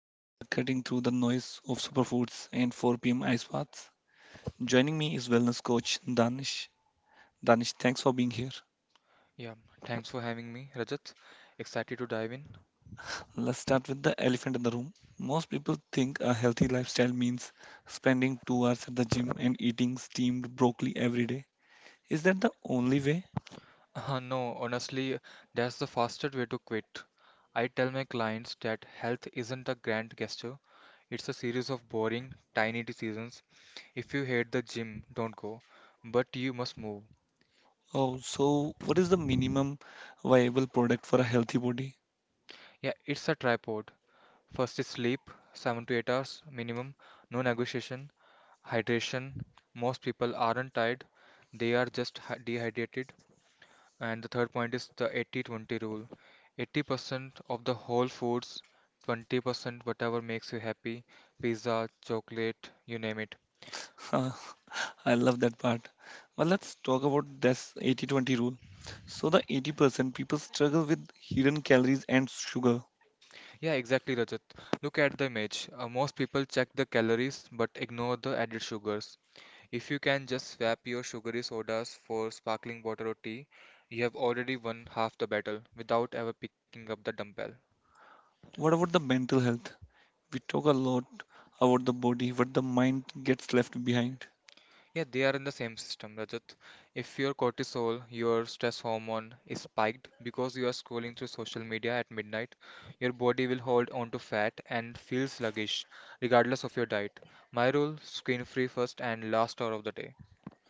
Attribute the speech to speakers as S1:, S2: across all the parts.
S1: Today we are cutting through the noise of superfoods and 4 p.m. ice baths. Joining me is wellness coach Danish. Danish, thanks for being here.
S2: Yeah, thanks for having me, Rajat. Excited to dive in.
S1: Let's start with the elephant in the room. Most people think a healthy lifestyle means spending 2 hours at the gym and eating steamed broccoli every day. Is that the only way?
S2: No, honestly, that's the fastest way to quit. I tell my clients that health isn't a grand gesture, it's a series of boring, tiny decisions. If you hate the gym, don't go, but you must move.
S1: Oh, so what is the minimum viable product for a healthy body?
S2: Yeah, it's a tripod. First is sleep, 7 to 8 hours minimum, no negotiation, hydration. Most people aren't tired, they are just dehydrated. And the third point is the 80-20 rule. 80% of the whole foods, 20% whatever makes you happy, pizza, chocolate, you name it.
S1: I love that part. But let's talk about this 80-20 rule. So the 80% people struggle with hidden calories and sugar.
S2: Yeah, exactly, Rajat. Look at the image. Most people check the calories but ignore the added sugars. If you can just swap your sugary sodas for sparkling water or tea, you have already won half the battle without ever picking up the dumbbell.
S1: What about the mental health? We talk a lot about the body, but the mind gets left behind.
S2: Yeah, they are in the same system, Rajat. If your cortisol, your stress hormone, is spiked because you are scrolling through social media at midnight, your body will hold on to fat and feel sluggish, regardless of your diet. My rule, screen free first and last hour of the day.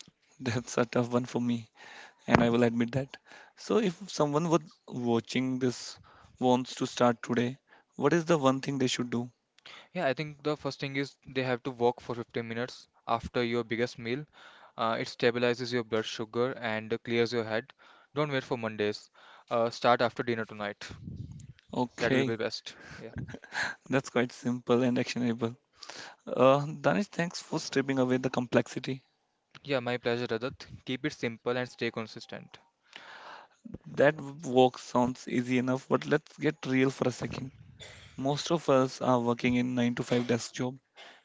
S1: That's a tough one for me, and I will admit that. So if someone was watching this wants to start today, what is the one thing they should do?
S2: Yeah, I think the first thing is they have to walk for 15 minutes after your biggest meal. It stabilizes your blood sugar and clears your head. Don't wait for Mondays. Start after dinner tonight. That will
S1: Okay,
S2: be best. Yeah.
S1: that's quite simple and actionable. Danish, thanks for stripping away the complexity.
S2: Yeah, my pleasure, Rajat. Keep it simple and stay consistent.
S1: That work sounds easy enough, but let's get real for a second. Most of us are working in 9 to 5 desk job.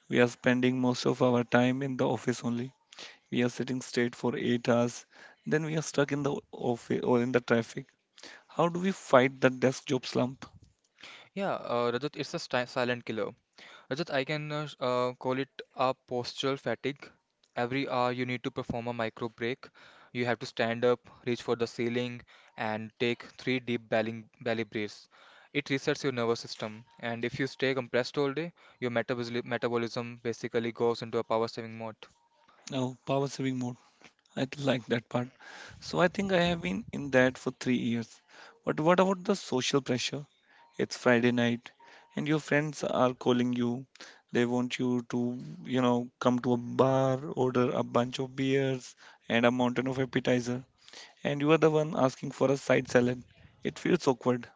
S1: We are spending most of our time in the office only. We are sitting straight for 8 hours, then we are stuck in the office or in the traffic. How do we fight the desk job slump?
S2: Yeah, Rajat, it's a silent killer. Rajat, I can call it a postural fatigue. Every hour you need to perform a micro break. You have to stand up, reach for the ceiling, and take three deep belly breaths. It resets your nervous system, and if you stay compressed all day, your metabolism basically goes into a power saving mode.
S1: Now, power saving mode. I like that part. So I think I have been in that for 3 years. But what about the social pressure? It's Friday night and your friends are calling you. They want you to, you know, come to a bar, order a bunch of beers and a mountain of appetizer. And you are the one asking for a side salad. It feels awkward.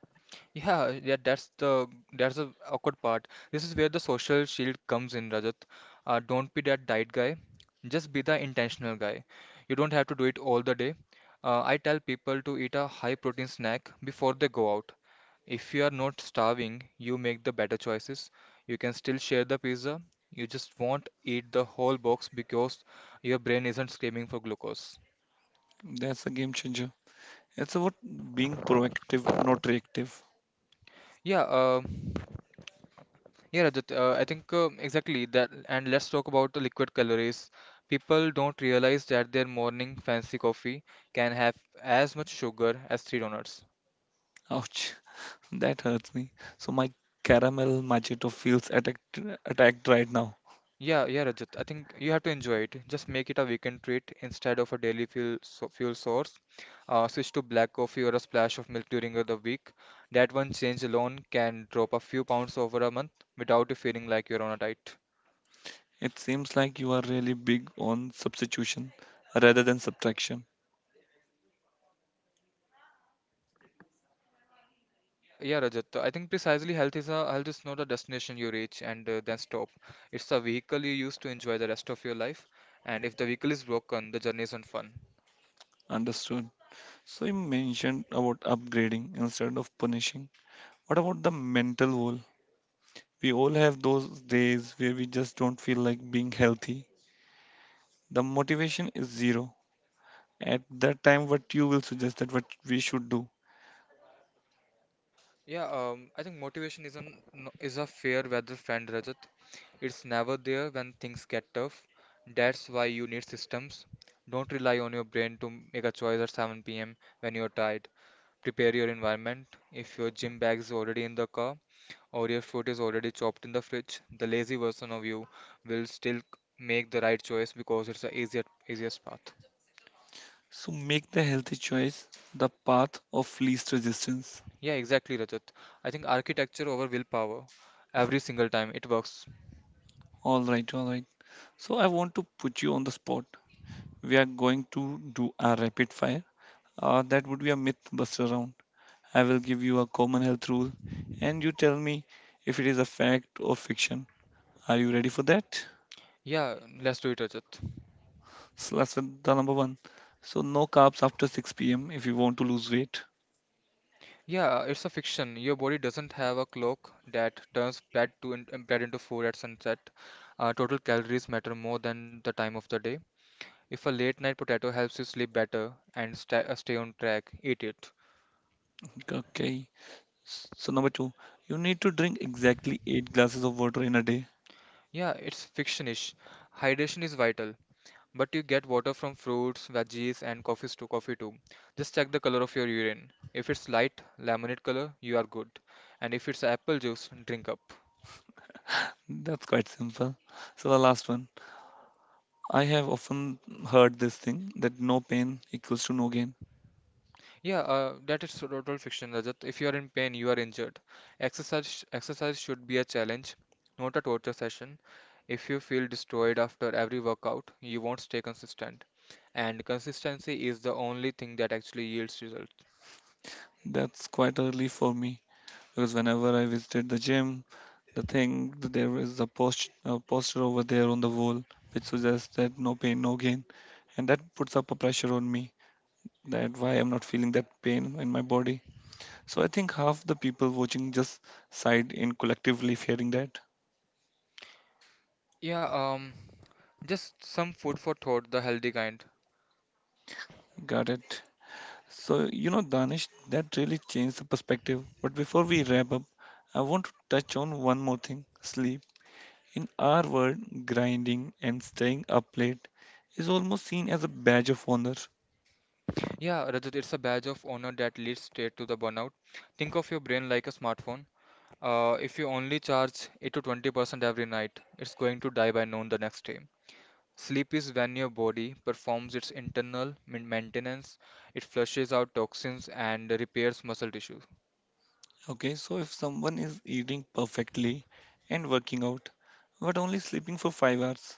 S2: Yeah, yeah, that's the awkward part. This is where the social shield comes in, Rajat. Don't be that diet guy. Just be the intentional guy. You don't have to do it all the day. I tell people to eat a high protein snack before they go out. If you are not starving, you make the better choices. You can still share the pizza. You just won't eat the whole box because your brain isn't screaming for glucose.
S1: That's a game changer. It's about being proactive, not reactive.
S2: Yeah, uh, Yeah, Rajat, I think exactly that. And let's talk about the liquid calories. People don't realize that their morning fancy coffee can have as much sugar as three donuts.
S1: Ouch. That hurts me. So my caramel machito feels attacked right now.
S2: Yeah, yeah, Rajat. I think you have to enjoy it. Just make it a weekend treat instead of a daily fuel source. Switch to black coffee or a splash of milk during the week. That one change alone can drop a few pounds over a month without you feeling like you're on a diet.
S1: It seems like you are really big on substitution rather than subtraction.
S2: Yeah, yeah, Rajat. I think precisely health is not a destination you reach and then stop. It's a vehicle you use to enjoy the rest of your life. And if the vehicle is broken, the journey isn't fun.
S1: Understood. So you mentioned about upgrading instead of punishing. What about the mental wall? We all have those days where we just don't feel like being healthy. The motivation is zero. At that time, what you will suggest that what we should do?
S2: Yeah, I think motivation is an no- is a fair weather friend, Rajat. It's never there when things get tough. That's why you need systems. Don't rely on your brain to make a choice at 7 p.m. when you're tired. Prepare your environment. If your gym bag is already in the car, or your food is already chopped in the fridge, the lazy version of you will still make the right choice because it's the easiest path.
S1: So make the healthy choice the path of least resistance.
S2: Yeah, exactly, Rajat. I think architecture over willpower. Every single time it works.
S1: All right, all right. So I want to put you on the spot. We are going to do a rapid fire. That would be a myth buster round. I will give you a common health rule and you tell me if it is a fact or fiction. Are you ready for that?
S2: Yeah, let's do it, Rajat.
S1: So let's with the number one. So no carbs after 6 p.m. if you want to lose weight.
S2: Yeah, it's a fiction. Your body doesn't have a clock that turns bread into food at sunset. Total calories matter more than the time of the day. If a late night potato helps you sleep better and stay on track, eat it.
S1: Okay. So number two, you need to drink exactly eight glasses of water in a day.
S2: Yeah, it's fictionish. Hydration is vital, but you get water from fruits, veggies, and coffee too. Just check the color of your urine. If it's light lemonade color, you are good. And if it's apple juice, drink up.
S1: That's quite simple. So the last one, I have often heard this thing that no pain equals to no gain.
S2: Yeah, that is total fiction, Rajat. If you are in pain, you are injured. Exercise should be a challenge, not a torture session. If you feel destroyed after every workout, you won't stay consistent. And consistency is the only thing that actually yields results.
S1: That's quite early for me because whenever I visited the gym, the thing there is a poster over there on the wall which suggests that no pain, no gain, and that puts up a pressure on me that why I'm not feeling that pain in my body. So I think half the people watching just sighed in collectively fearing that.
S2: Yeah, um, Just some food for thought, the healthy kind.
S1: Got it. So, you know, Danish, that really changed the perspective. But before we wrap up, I want to touch on one more thing, sleep. In our world, grinding and staying up late is almost seen as a badge of honor.
S2: Yeah, Rajat, it's a badge of honor that leads straight to the burnout. Think of your brain like a smartphone. If you only charge 8 to 20% every night, it's going to die by noon the next day. Sleep is when your body performs its internal maintenance, it flushes out toxins and repairs muscle tissue.
S1: Okay, so if someone is eating perfectly and working out, but only sleeping for 5 hours,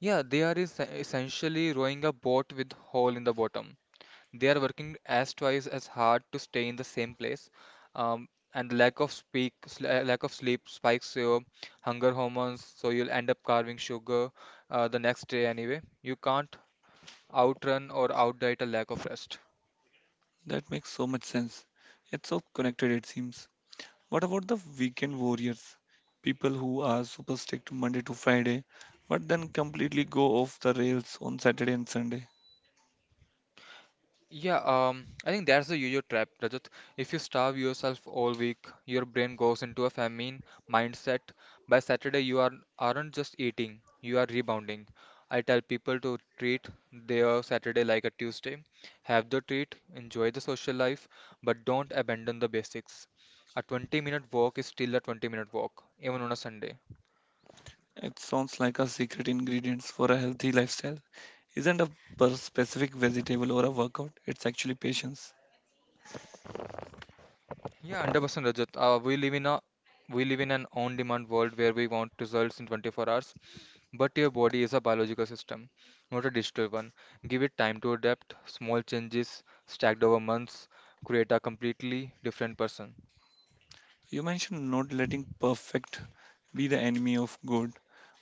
S2: Yeah, they are essentially rowing a boat with hole in the bottom. They are working as twice as hard to stay in the same place, and lack of sleep spikes your hunger hormones, so you'll end up carving sugar the next day anyway. You can't outrun or outdiet a lack of rest.
S1: that makes so much sense. It's so connected, it seems. What about the weekend warriors? People who are super strict Monday to Friday, but then completely go off the rails on Saturday and Sunday.
S2: Yeah, I think that's the usual trap, Rajat. If you starve yourself all week, your brain goes into a famine mindset. By Saturday, you are aren't just eating, you are rebounding. I tell people to treat their Saturday like a Tuesday. Have the treat, enjoy the social life, but don't abandon the basics. A 20-minute walk is still a 20-minute walk, even on a Sunday.
S1: It sounds like a secret ingredients for a healthy lifestyle. Isn't a per specific vegetable or a workout, it's actually patience.
S2: Yeah, 100% Rajat. We live in a we live in an on-demand world where we want results in 24 hours. But your body is a biological system, not a digital one. Give it time to adapt. Small changes stacked over months create a completely different person.
S1: You mentioned not letting perfect be the enemy of good.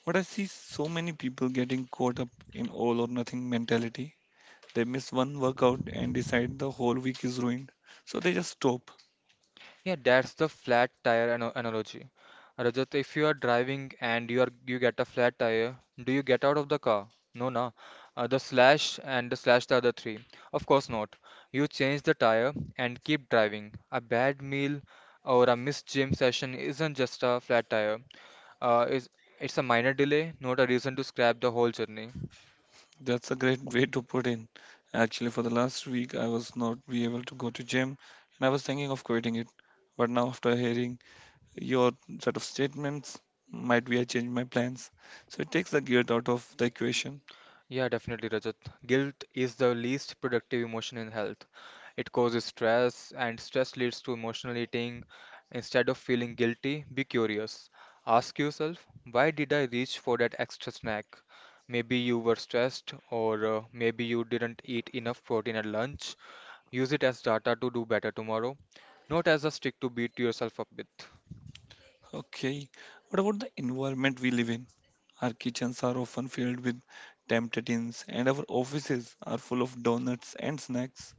S1: What I see so many people getting caught up in all or nothing mentality. They miss one workout and decide the whole week is ruined. So they just stop.
S2: Yeah, that's the flat tire analogy. Rajat, if you are driving and you get a flat tire, do you get out of the car? No, no. The slash and the slash the other three. Of course not. You change the tire and keep driving. A bad meal or a missed gym session isn't just a flat tire. Is it's a minor delay, not a reason to scrap the whole journey.
S1: That's a great way to put in. Actually, for the last week, I was not be able to go to gym, and I was thinking of quitting it. But now, after hearing your set of statements, might be I change my plans. So it takes the guilt out of the equation.
S2: Yeah, definitely, Rajat. Guilt is the least productive emotion in health. It causes stress, and stress leads to emotional eating. Instead of feeling guilty, be curious. Ask yourself, why did I reach for that extra snack? Maybe you were stressed, or maybe you didn't eat enough protein at lunch. Use it as data to do better tomorrow, not as a stick to beat yourself up with.
S1: Okay, what about the environment we live in? Our kitchens are often filled with temptations, and our offices are full of donuts and snacks.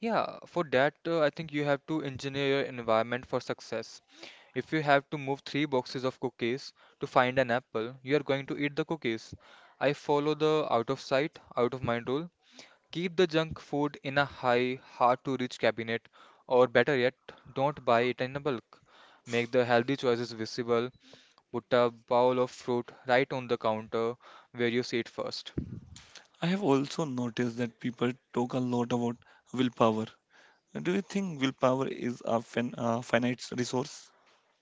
S2: Yeah, for that, I think you have to engineer your environment for success. If you have to move three boxes of cookies to find an apple, you are going to eat the cookies. I follow the out of sight, out of mind rule. Keep the junk food in a high, hard to reach cabinet, or better yet, don't buy it in a bulk. Make the healthy choices visible. Put a bowl of fruit right on the counter where you see it first.
S1: I have also noticed that people talk a lot about willpower. Do you think willpower is a finite resource?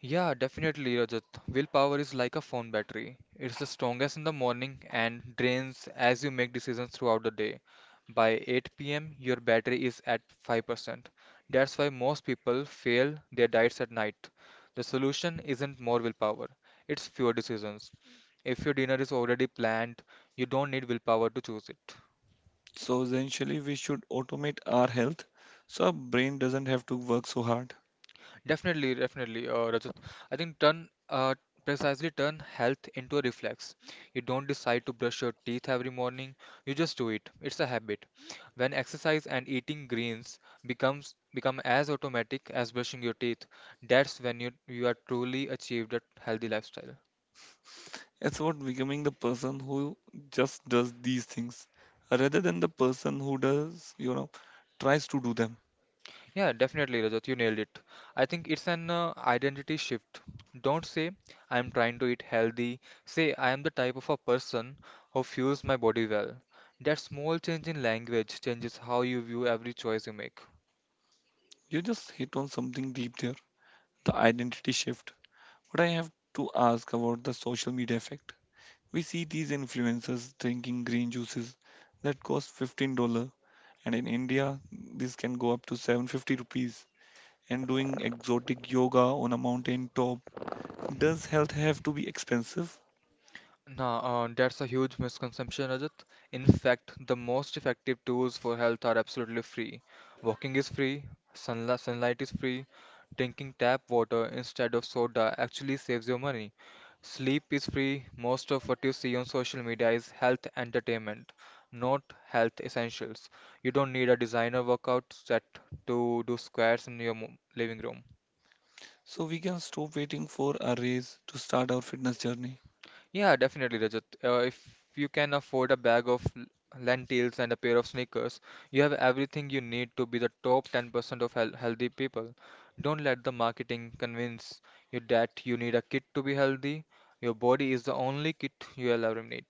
S2: Yeah, definitely, Rajat. Willpower is like a phone battery. It's the strongest in the morning and drains as you make decisions throughout the day. By 8 p.m., your battery is at 5%. That's why most people fail their diets at night. The solution isn't more willpower, it's fewer decisions. If your dinner is already planned, you don't need willpower to choose it.
S1: So essentially, we should automate our health so our brain doesn't have to work so hard.
S2: Definitely, definitely, Rajat. I think turn precisely turn health into a reflex. You don't decide to brush your teeth every morning. You just do it. It's a habit. When exercise and eating greens become as automatic as brushing your teeth, that's when you are truly achieved a healthy lifestyle.
S1: It's about becoming the person who just does these things rather than the person who does, you know, tries to do them.
S2: Yeah, definitely, Rajat, you nailed it. I think it's an identity shift. Don't say, I'm trying to eat healthy. Say, I am the type of a person who fuels my body well. That small change in language changes how you view every choice you make.
S1: You just hit on something deep there, the identity shift. But I have to ask about the social media effect. We see these influencers drinking green juices that cost $15, and in India this can go up to 750 rupees, and doing exotic yoga on a mountain top. Does health have to be expensive,
S2: No, that's a huge misconception, Rajat. In fact, the most effective tools for health are absolutely free. Walking is free, sunlight is free, drinking tap water instead of soda actually saves you money. Sleep is free. Most of what you see on social media is health entertainment, not health essentials. You don't need a designer workout set to do squats in your living room.
S1: so we can stop waiting for a raise to start our fitness journey?
S2: Yeah, definitely, Rajat. If you can afford a bag of lentils and a pair of sneakers, you have everything you need to be the top 10% of healthy people. Don't let the marketing convince you that you need a kit to be healthy. Your body is the only kit you will ever need.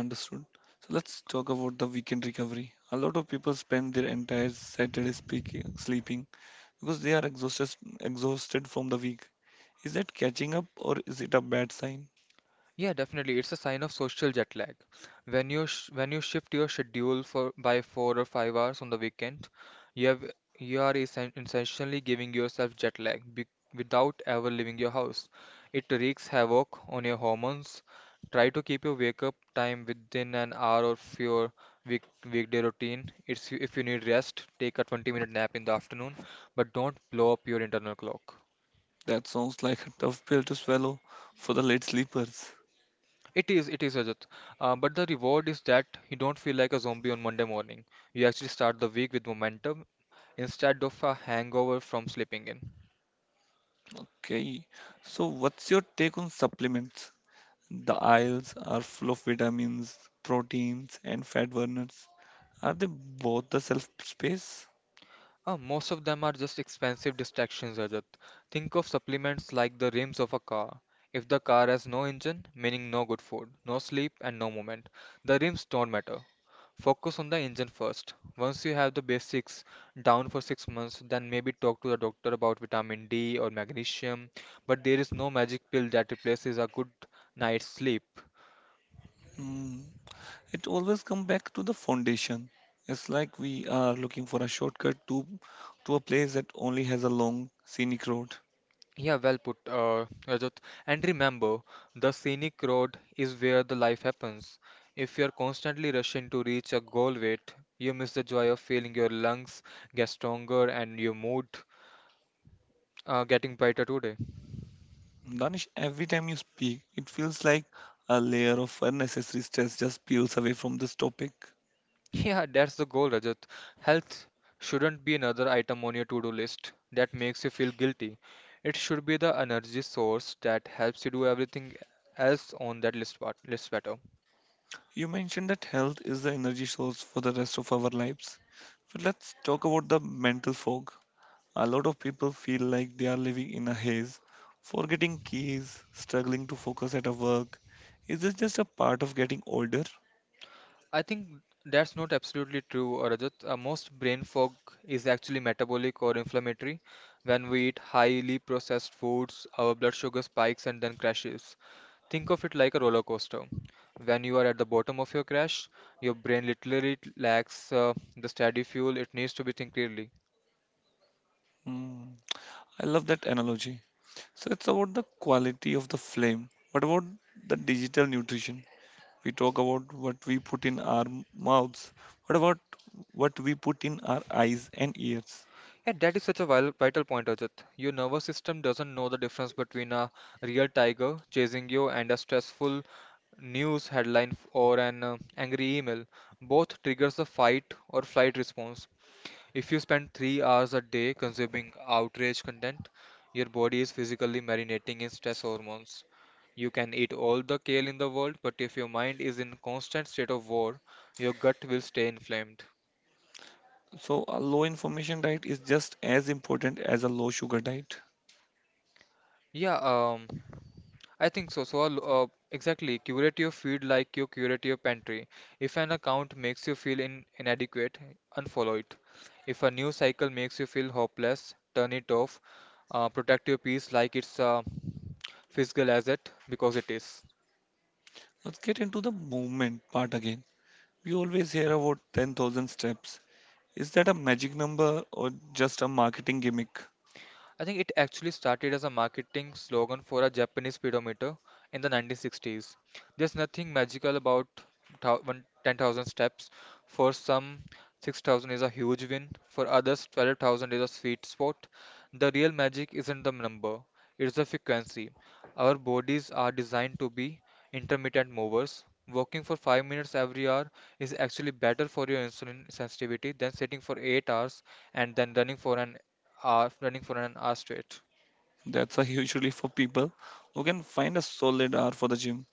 S1: Understood. So let's talk about the weekend recovery. A lot of people spend their entire Saturday sleeping because they are exhausted from the week. Is that catching up or is it a bad sign?
S2: Yeah, definitely. It's a sign of social jet lag. When you shift your schedule for by 4 or 5 hours on the weekend, you have you are essentially giving yourself jet lag be without ever leaving your house. It wreaks havoc on your hormones. Try to keep your wake up time within an hour of your week weekday routine. It's if you need rest, take a 20-minute nap in the afternoon, but don't blow up your internal clock.
S1: That sounds like a tough pill to swallow for the late sleepers.
S2: It is, Rajat. But the reward is that you don't feel like a zombie on Monday morning. You actually start the week with momentum instead of a hangover from sleeping in.
S1: Okay. So, what's your take on supplements? The aisles are full of vitamins, proteins, and fat burners. Are they both the self space?
S2: Most of them are just expensive distractions, Rajat. Think of supplements like the rims of a car. If the car has no engine, meaning no good food, no sleep, and no movement, the rims don't matter. Focus on the engine first. Once you have the basics down for 6 months, then maybe talk to the doctor about vitamin D or magnesium. But there is no magic pill that replaces a good night's sleep.
S1: Hmm. It always comes back to the foundation. It's like we are looking for a shortcut to a place that only has a long scenic road.
S2: Yeah, well put, Rajat. And remember, the scenic road is where the life happens. If you're constantly rushing to reach a goal weight, you miss the joy of feeling your lungs get stronger and your mood getting brighter today.
S1: Danish, every time you speak, it feels like a layer of unnecessary stress just peels away from this topic.
S2: Yeah, that's the goal, Rajat. Health shouldn't be another item on your to-do list that makes you feel guilty. It should be the energy source that helps you do everything else on that list better.
S1: You mentioned that health is the energy source for the rest of our lives. So let's talk about the mental fog. A lot of people feel like they are living in a haze, forgetting keys, struggling to focus at a work. Is this just a part of getting older?
S2: I think that's not absolutely true, Rajat. Most brain fog is actually metabolic or inflammatory. When we eat highly processed foods, our blood sugar spikes and then crashes. Think of it like a roller coaster. When you are at the bottom of your crash, your brain literally lacks the steady fuel it needs to be think clearly.
S1: Hmm. I love that analogy. So it's about the quality of the flame. What about the digital nutrition? We talk about what we put in our mouths. What about what we put in our eyes and ears?
S2: And that is such a vital point, Ajit. Your nervous system doesn't know the difference between a real tiger chasing you and a stressful news headline or an angry email. Both triggers a fight or flight response. If you spend 3 hours a day consuming outrage content, your body is physically marinating in stress hormones. You can eat all the kale in the world, but if your mind is in constant state of war, your gut will stay inflamed.
S1: So, a low information diet is just as important as a low sugar diet.
S2: Yeah, um, I think so. Exactly, curate your feed like you curate your pantry. If an account makes you feel in inadequate, unfollow it. If a news cycle makes you feel hopeless, turn it off. Protect your peace like it's a physical asset because it is.
S1: Let's get into the movement part again. We always hear about 10,000 steps. Is that a magic number or just a marketing gimmick?
S2: I think it actually started as a marketing slogan for a Japanese speedometer in the 1960s. There's nothing magical about 10,000 steps. For some, 6,000 is a huge win. For others, 12,000 is a sweet spot. The real magic isn't the number, it's the frequency. Our bodies are designed to be intermittent movers. Walking for 5 minutes every hour is actually better for your insulin sensitivity than sitting for 8 hours and then running for an are running for an hour straight.
S1: That's a usually for people who can find a solid hour for the gym.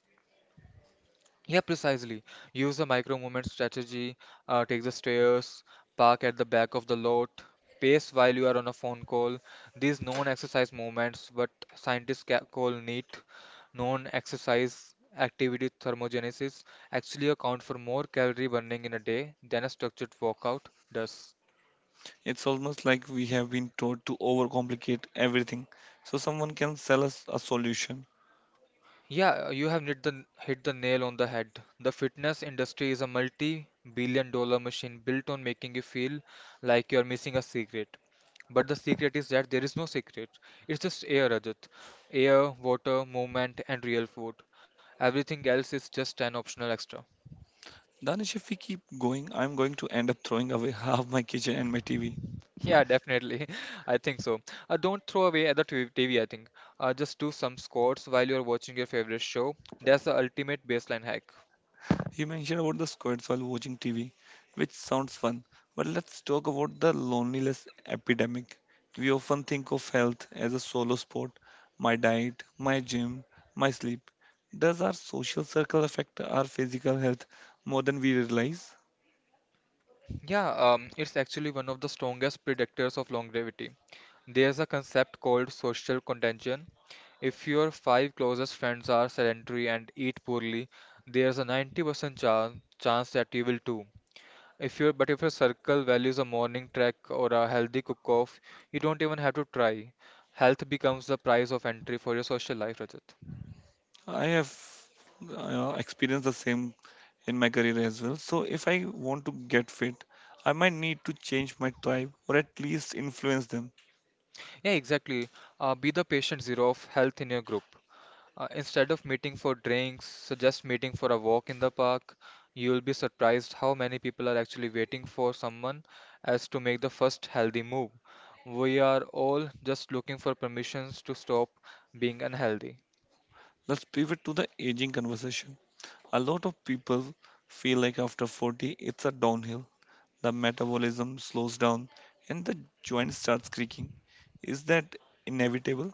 S2: Yeah, precisely. Use the micro movement strategy, take the stairs, park at the back of the lot, pace while you are on a phone call. These known exercise movements, what scientists call NEAT, known exercise activity thermogenesis, actually account for more calorie burning in a day than a structured workout does.
S1: It's almost like we have been taught to overcomplicate everything so someone can sell us a solution.
S2: Yeah, you have hit the nail on the head. The fitness industry is a multi-billion dollar machine built on making you feel like you're missing a secret. But the secret is that there is no secret. It's just air, Rajat. Air, water, movement, and real food. Everything else is just an optional extra.
S1: Danish, if we keep going, I'm going to end up throwing away half my kitchen and my TV.
S2: Yeah, definitely. I think so. Don't throw away at the TV, I think. Just do some squats while you're watching your favorite show. That's the ultimate baseline hack.
S1: You mentioned about the squads while watching TV, which sounds fun, but let's talk about the loneliness epidemic. We often think of health as a solo sport, my diet, my gym, my sleep. Does our social circle affect our physical health more than we realize?
S2: Yeah, it's actually one of the strongest predictors of longevity. There's a concept called social contagion. If your five closest friends are sedentary and eat poorly, there's a 90% chance that you will too. If your but if your circle values a morning trek or a healthy cook-off, you don't even have to try. Health becomes the price of entry for your social life, Rajat.
S1: I have experienced the same in my career as well. So, if I want to get fit, I might need to change my tribe or at least influence them.
S2: Yeah, exactly. Be the patient zero of health in your group. Instead of meeting for drinks, suggest meeting for a walk in the park. You will be surprised how many people are actually waiting for someone as to make the first healthy move. We are all just looking for permissions to stop being unhealthy.
S1: Let's pivot to the aging conversation. A lot of people feel like after 40 it's a downhill. The metabolism slows down and the joint starts creaking. Is that inevitable?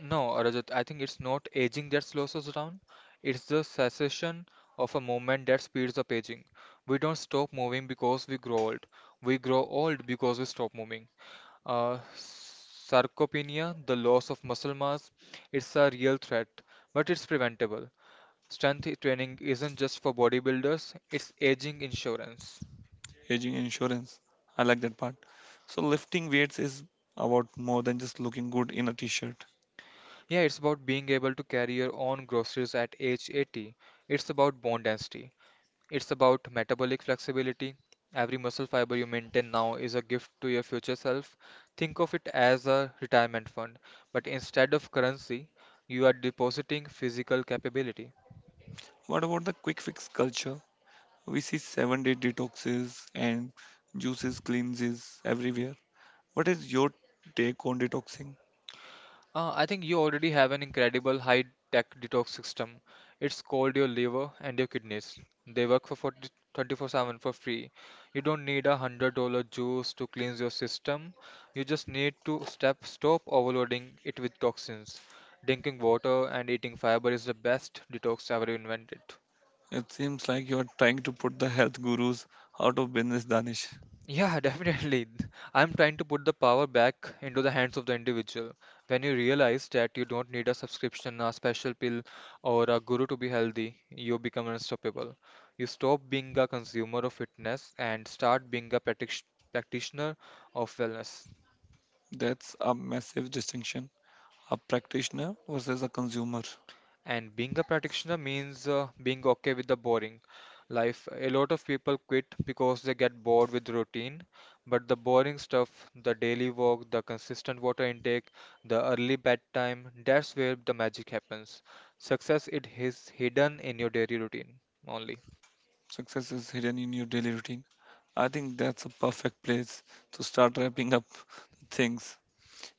S2: No, Rajat, I think it's not aging that slows us down. It's the cessation of a movement that speeds up aging. We don't stop moving because we grow old. We grow old because we stop moving. Sarcopenia, the loss of muscle mass, it's a real threat, but it's preventable. Strength training isn't just for bodybuilders, it's aging insurance.
S1: Aging insurance. I like that part. So lifting weights is about more than just looking good in a t-shirt.
S2: Yeah, it's about being able to carry your own groceries at age 80. It's about bone density. It's about metabolic flexibility. Every muscle fiber you maintain now is a gift to your future self. Think of it as a retirement fund, but instead of currency, you are depositing physical capability.
S1: What about the quick fix culture? We see 7-day detoxes and juices cleanses everywhere. What is your take on detoxing?
S2: I think you already have an incredible high tech detox system. It's called your liver and your kidneys. They work for 24/7 for free. You don't need $100 juice to cleanse your system. You just need to step stop overloading it with toxins. Drinking water and eating fiber is the best detox ever invented.
S1: It seems like you are trying to put the health gurus out of business, Danish.
S2: Yeah, definitely. I'm trying to put the power back into the hands of the individual. When you realize that you don't need a subscription, a special pill, or a guru to be healthy, you become unstoppable. You stop being a consumer of fitness and start being a practic practitioner of wellness.
S1: That's a massive distinction. A practitioner versus a consumer.
S2: And being a practitioner means being okay with the boring life. A lot of people quit because they get bored with routine, but the boring stuff, the daily walk, the consistent water intake, the early bedtime, that's where the magic happens. Success it is hidden in your daily routine only.
S1: Success is hidden in your daily routine. I think that's a perfect place to start wrapping up the things.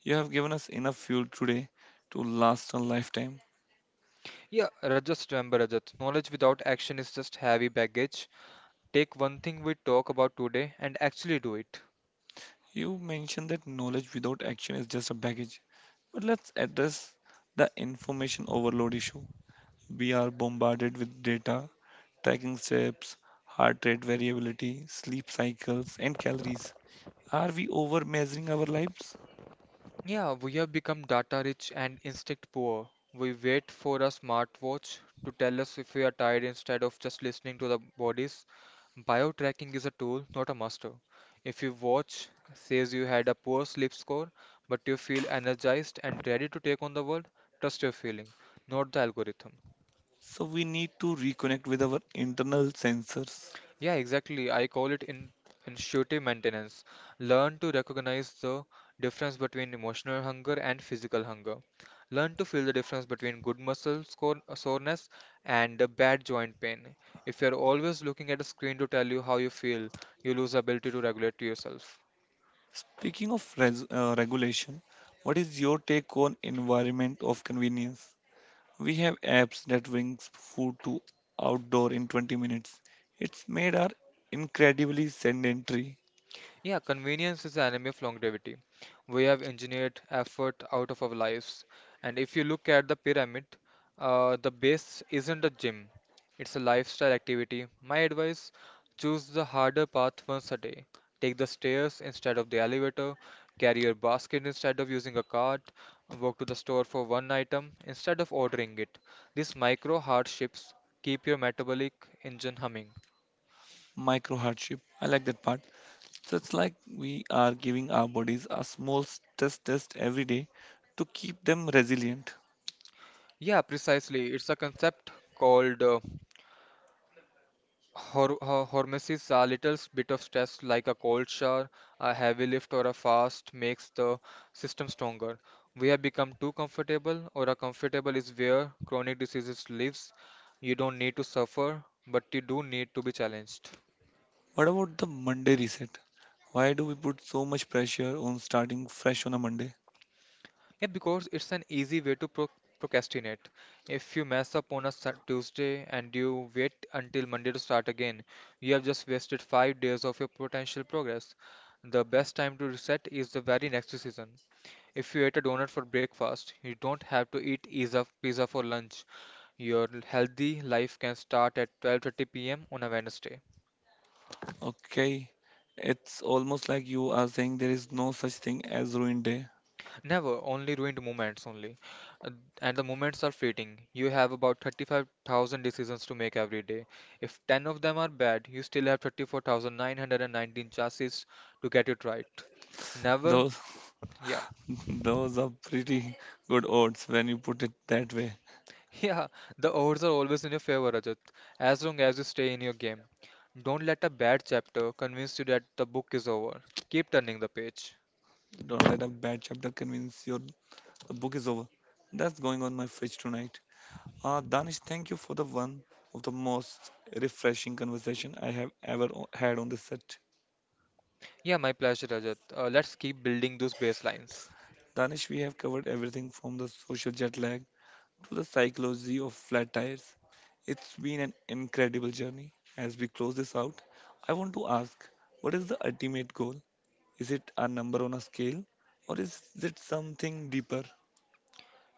S1: You have given us enough fuel today to last a lifetime.
S2: Yeah, Rajat, just remember Rajat, knowledge without action is just heavy baggage. Take one thing we talk about today and actually do it.
S1: You mentioned that knowledge without action is just a baggage. But let's address the information overload issue. We are bombarded with data, tracking steps, heart rate variability, sleep cycles, and calories. Are we over measuring our lives?
S2: Yeah, we have become data rich and instinct poor. We wait for a smartwatch to tell us if we are tired instead of just listening to the bodies. Bio-tracking is a tool, not a master. If your watch says you had a poor sleep score, but you feel energized and ready to take on the world, trust your feeling, not the algorithm.
S1: So we need to reconnect with our internal sensors.
S2: Yeah, exactly. I call it in intuitive maintenance. Learn to recognize the difference between emotional hunger and physical hunger. Learn to feel the difference between good muscle score, soreness and the bad joint pain. If you're always looking at a screen to tell you how you feel, you lose the ability to regulate yourself.
S1: Speaking of regulation, what is your take on environment of convenience? We have apps that brings food to outdoor in 20 minutes. It's made our incredibly sedentary
S2: Yeah, convenience is the enemy of longevity. We have engineered effort out of our lives. And if you look at the pyramid, the base isn't a gym, it's a lifestyle activity. My advice choose the harder path once a day. Take the stairs instead of the elevator, carry your basket instead of using a cart, walk to the store for one item instead of ordering it. These micro hardships keep your metabolic engine humming.
S1: micro hardship. I like that part. So it's like we are giving our bodies a small stress test every day to keep them resilient.
S2: Yeah, precisely. It's a concept called hormesis, a little bit of stress, like a cold shower, a heavy lift, or a fast, makes the system stronger. We have become too comfortable, or a comfortable is where chronic diseases lives. You don't need to suffer, but you do need to be challenged.
S1: What about the Monday reset? Why do we put so much pressure on starting fresh on a Monday?
S2: Yeah, because it's an easy way to procrastinate. If you mess up on a Tuesday and you wait until Monday to start again, you have just wasted 5 days of your potential progress. The best time to reset is the very next season. If you eat a donut for breakfast, you don't have to eat pizza for lunch. Your healthy life can start at 12:30 p.m. on a Wednesday.
S1: Okay, it's almost like you are saying there is no such thing as ruined day.
S2: Never, only ruined moments only. Uh, And the moments are fleeting. You have about 35,000 decisions to make every day. If 10 of them are bad, you still have 34,919 chances to get it right. Never,
S1: Those
S2: yeah.
S1: those are pretty good odds when you put it that way.
S2: Yeah, the odds are always in your favor, Rajat, as long as you stay in your game. Don't let a bad chapter convince you that the book is over. Keep turning the page.
S1: Don't let a bad chapter convince your the book is over. That's going on my fridge tonight. Ah, Danish, thank you for the one of the most refreshing conversation I have ever had on this set.
S2: Yeah, my pleasure, Rajat. Let's keep building those baselines.
S1: Danish, we have covered everything from the social jet lag to the psychology of flat tires. It's been an incredible journey. As we close this out, I want to ask what is the ultimate goal? Is it a number on a scale or is it something deeper?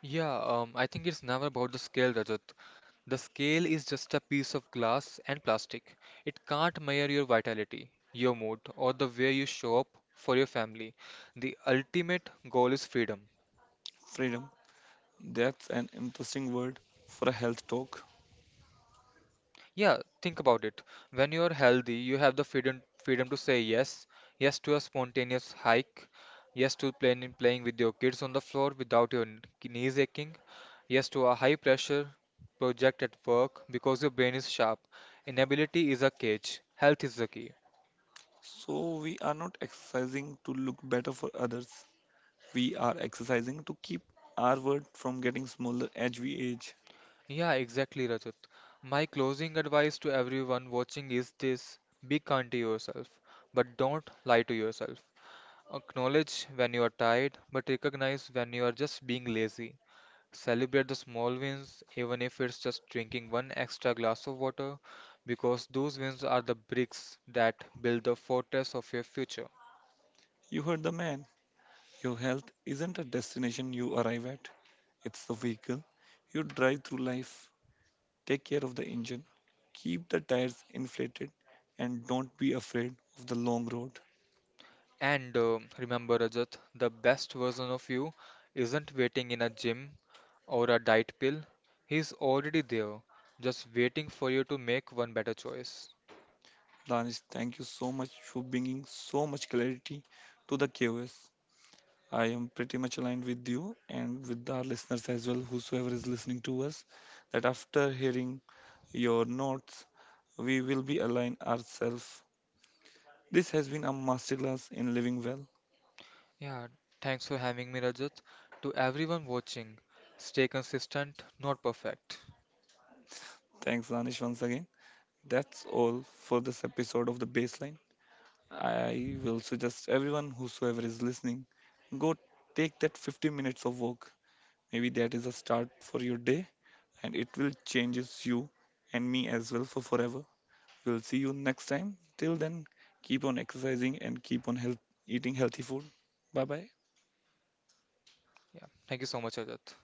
S2: Yeah, I think it's never about the scale, Rajat. The scale is just a piece of glass and plastic. It can't measure your vitality, your mood, or the way you show up for your family. The ultimate goal is freedom.
S1: Freedom. That's an interesting word for a health talk.
S2: Yeah, think about it. When you are healthy, you have the freedom to say yes, yes to a spontaneous hike, yes to playing with your kids on the floor without your knees aching, yes to a high pressure project at work because your brain is sharp. Inability is a cage. Health is the key.
S1: So, we are not exercising to look better for others. We are exercising to keep our world from getting smaller as we age.
S2: Yeah, exactly, Rajat. My closing advice to everyone watching is this: be kind to yourself, but don't lie to yourself. Acknowledge when you are tired, but recognize when you are just being lazy. Celebrate the small wins, even if it's just drinking one extra glass of water, because those wins are the bricks that build the fortress of your future.
S1: You heard the man. Your health isn't a destination you arrive at, it's the vehicle you drive through life. Take care of the engine, keep the tires inflated, and don't be afraid of the long road.
S2: And remember, Rajat, the best version of you isn't waiting in a gym or a diet pill, he's already there, just waiting for you to make one better choice.
S1: Danish, thank you so much for bringing so much clarity to the chaos. I am pretty much aligned with you and with our listeners as well, whosoever is listening to us, that after hearing your notes, we will be align ourselves. This has been a masterclass in living well.
S2: Yeah, thanks for having me, Rajat. To everyone watching, stay consistent, not perfect.
S1: Thanks, Danish, once again. That's all for this episode of The Baseline. I will suggest everyone, whosoever is listening, go take that 15 minutes of walk. Maybe that is a start for your day and it will changes you and me as well for forever. We'll see you next time. Till then, keep on exercising and keep on eating healthy food. Bye bye.
S2: Yeah, thank you so much, Rajat.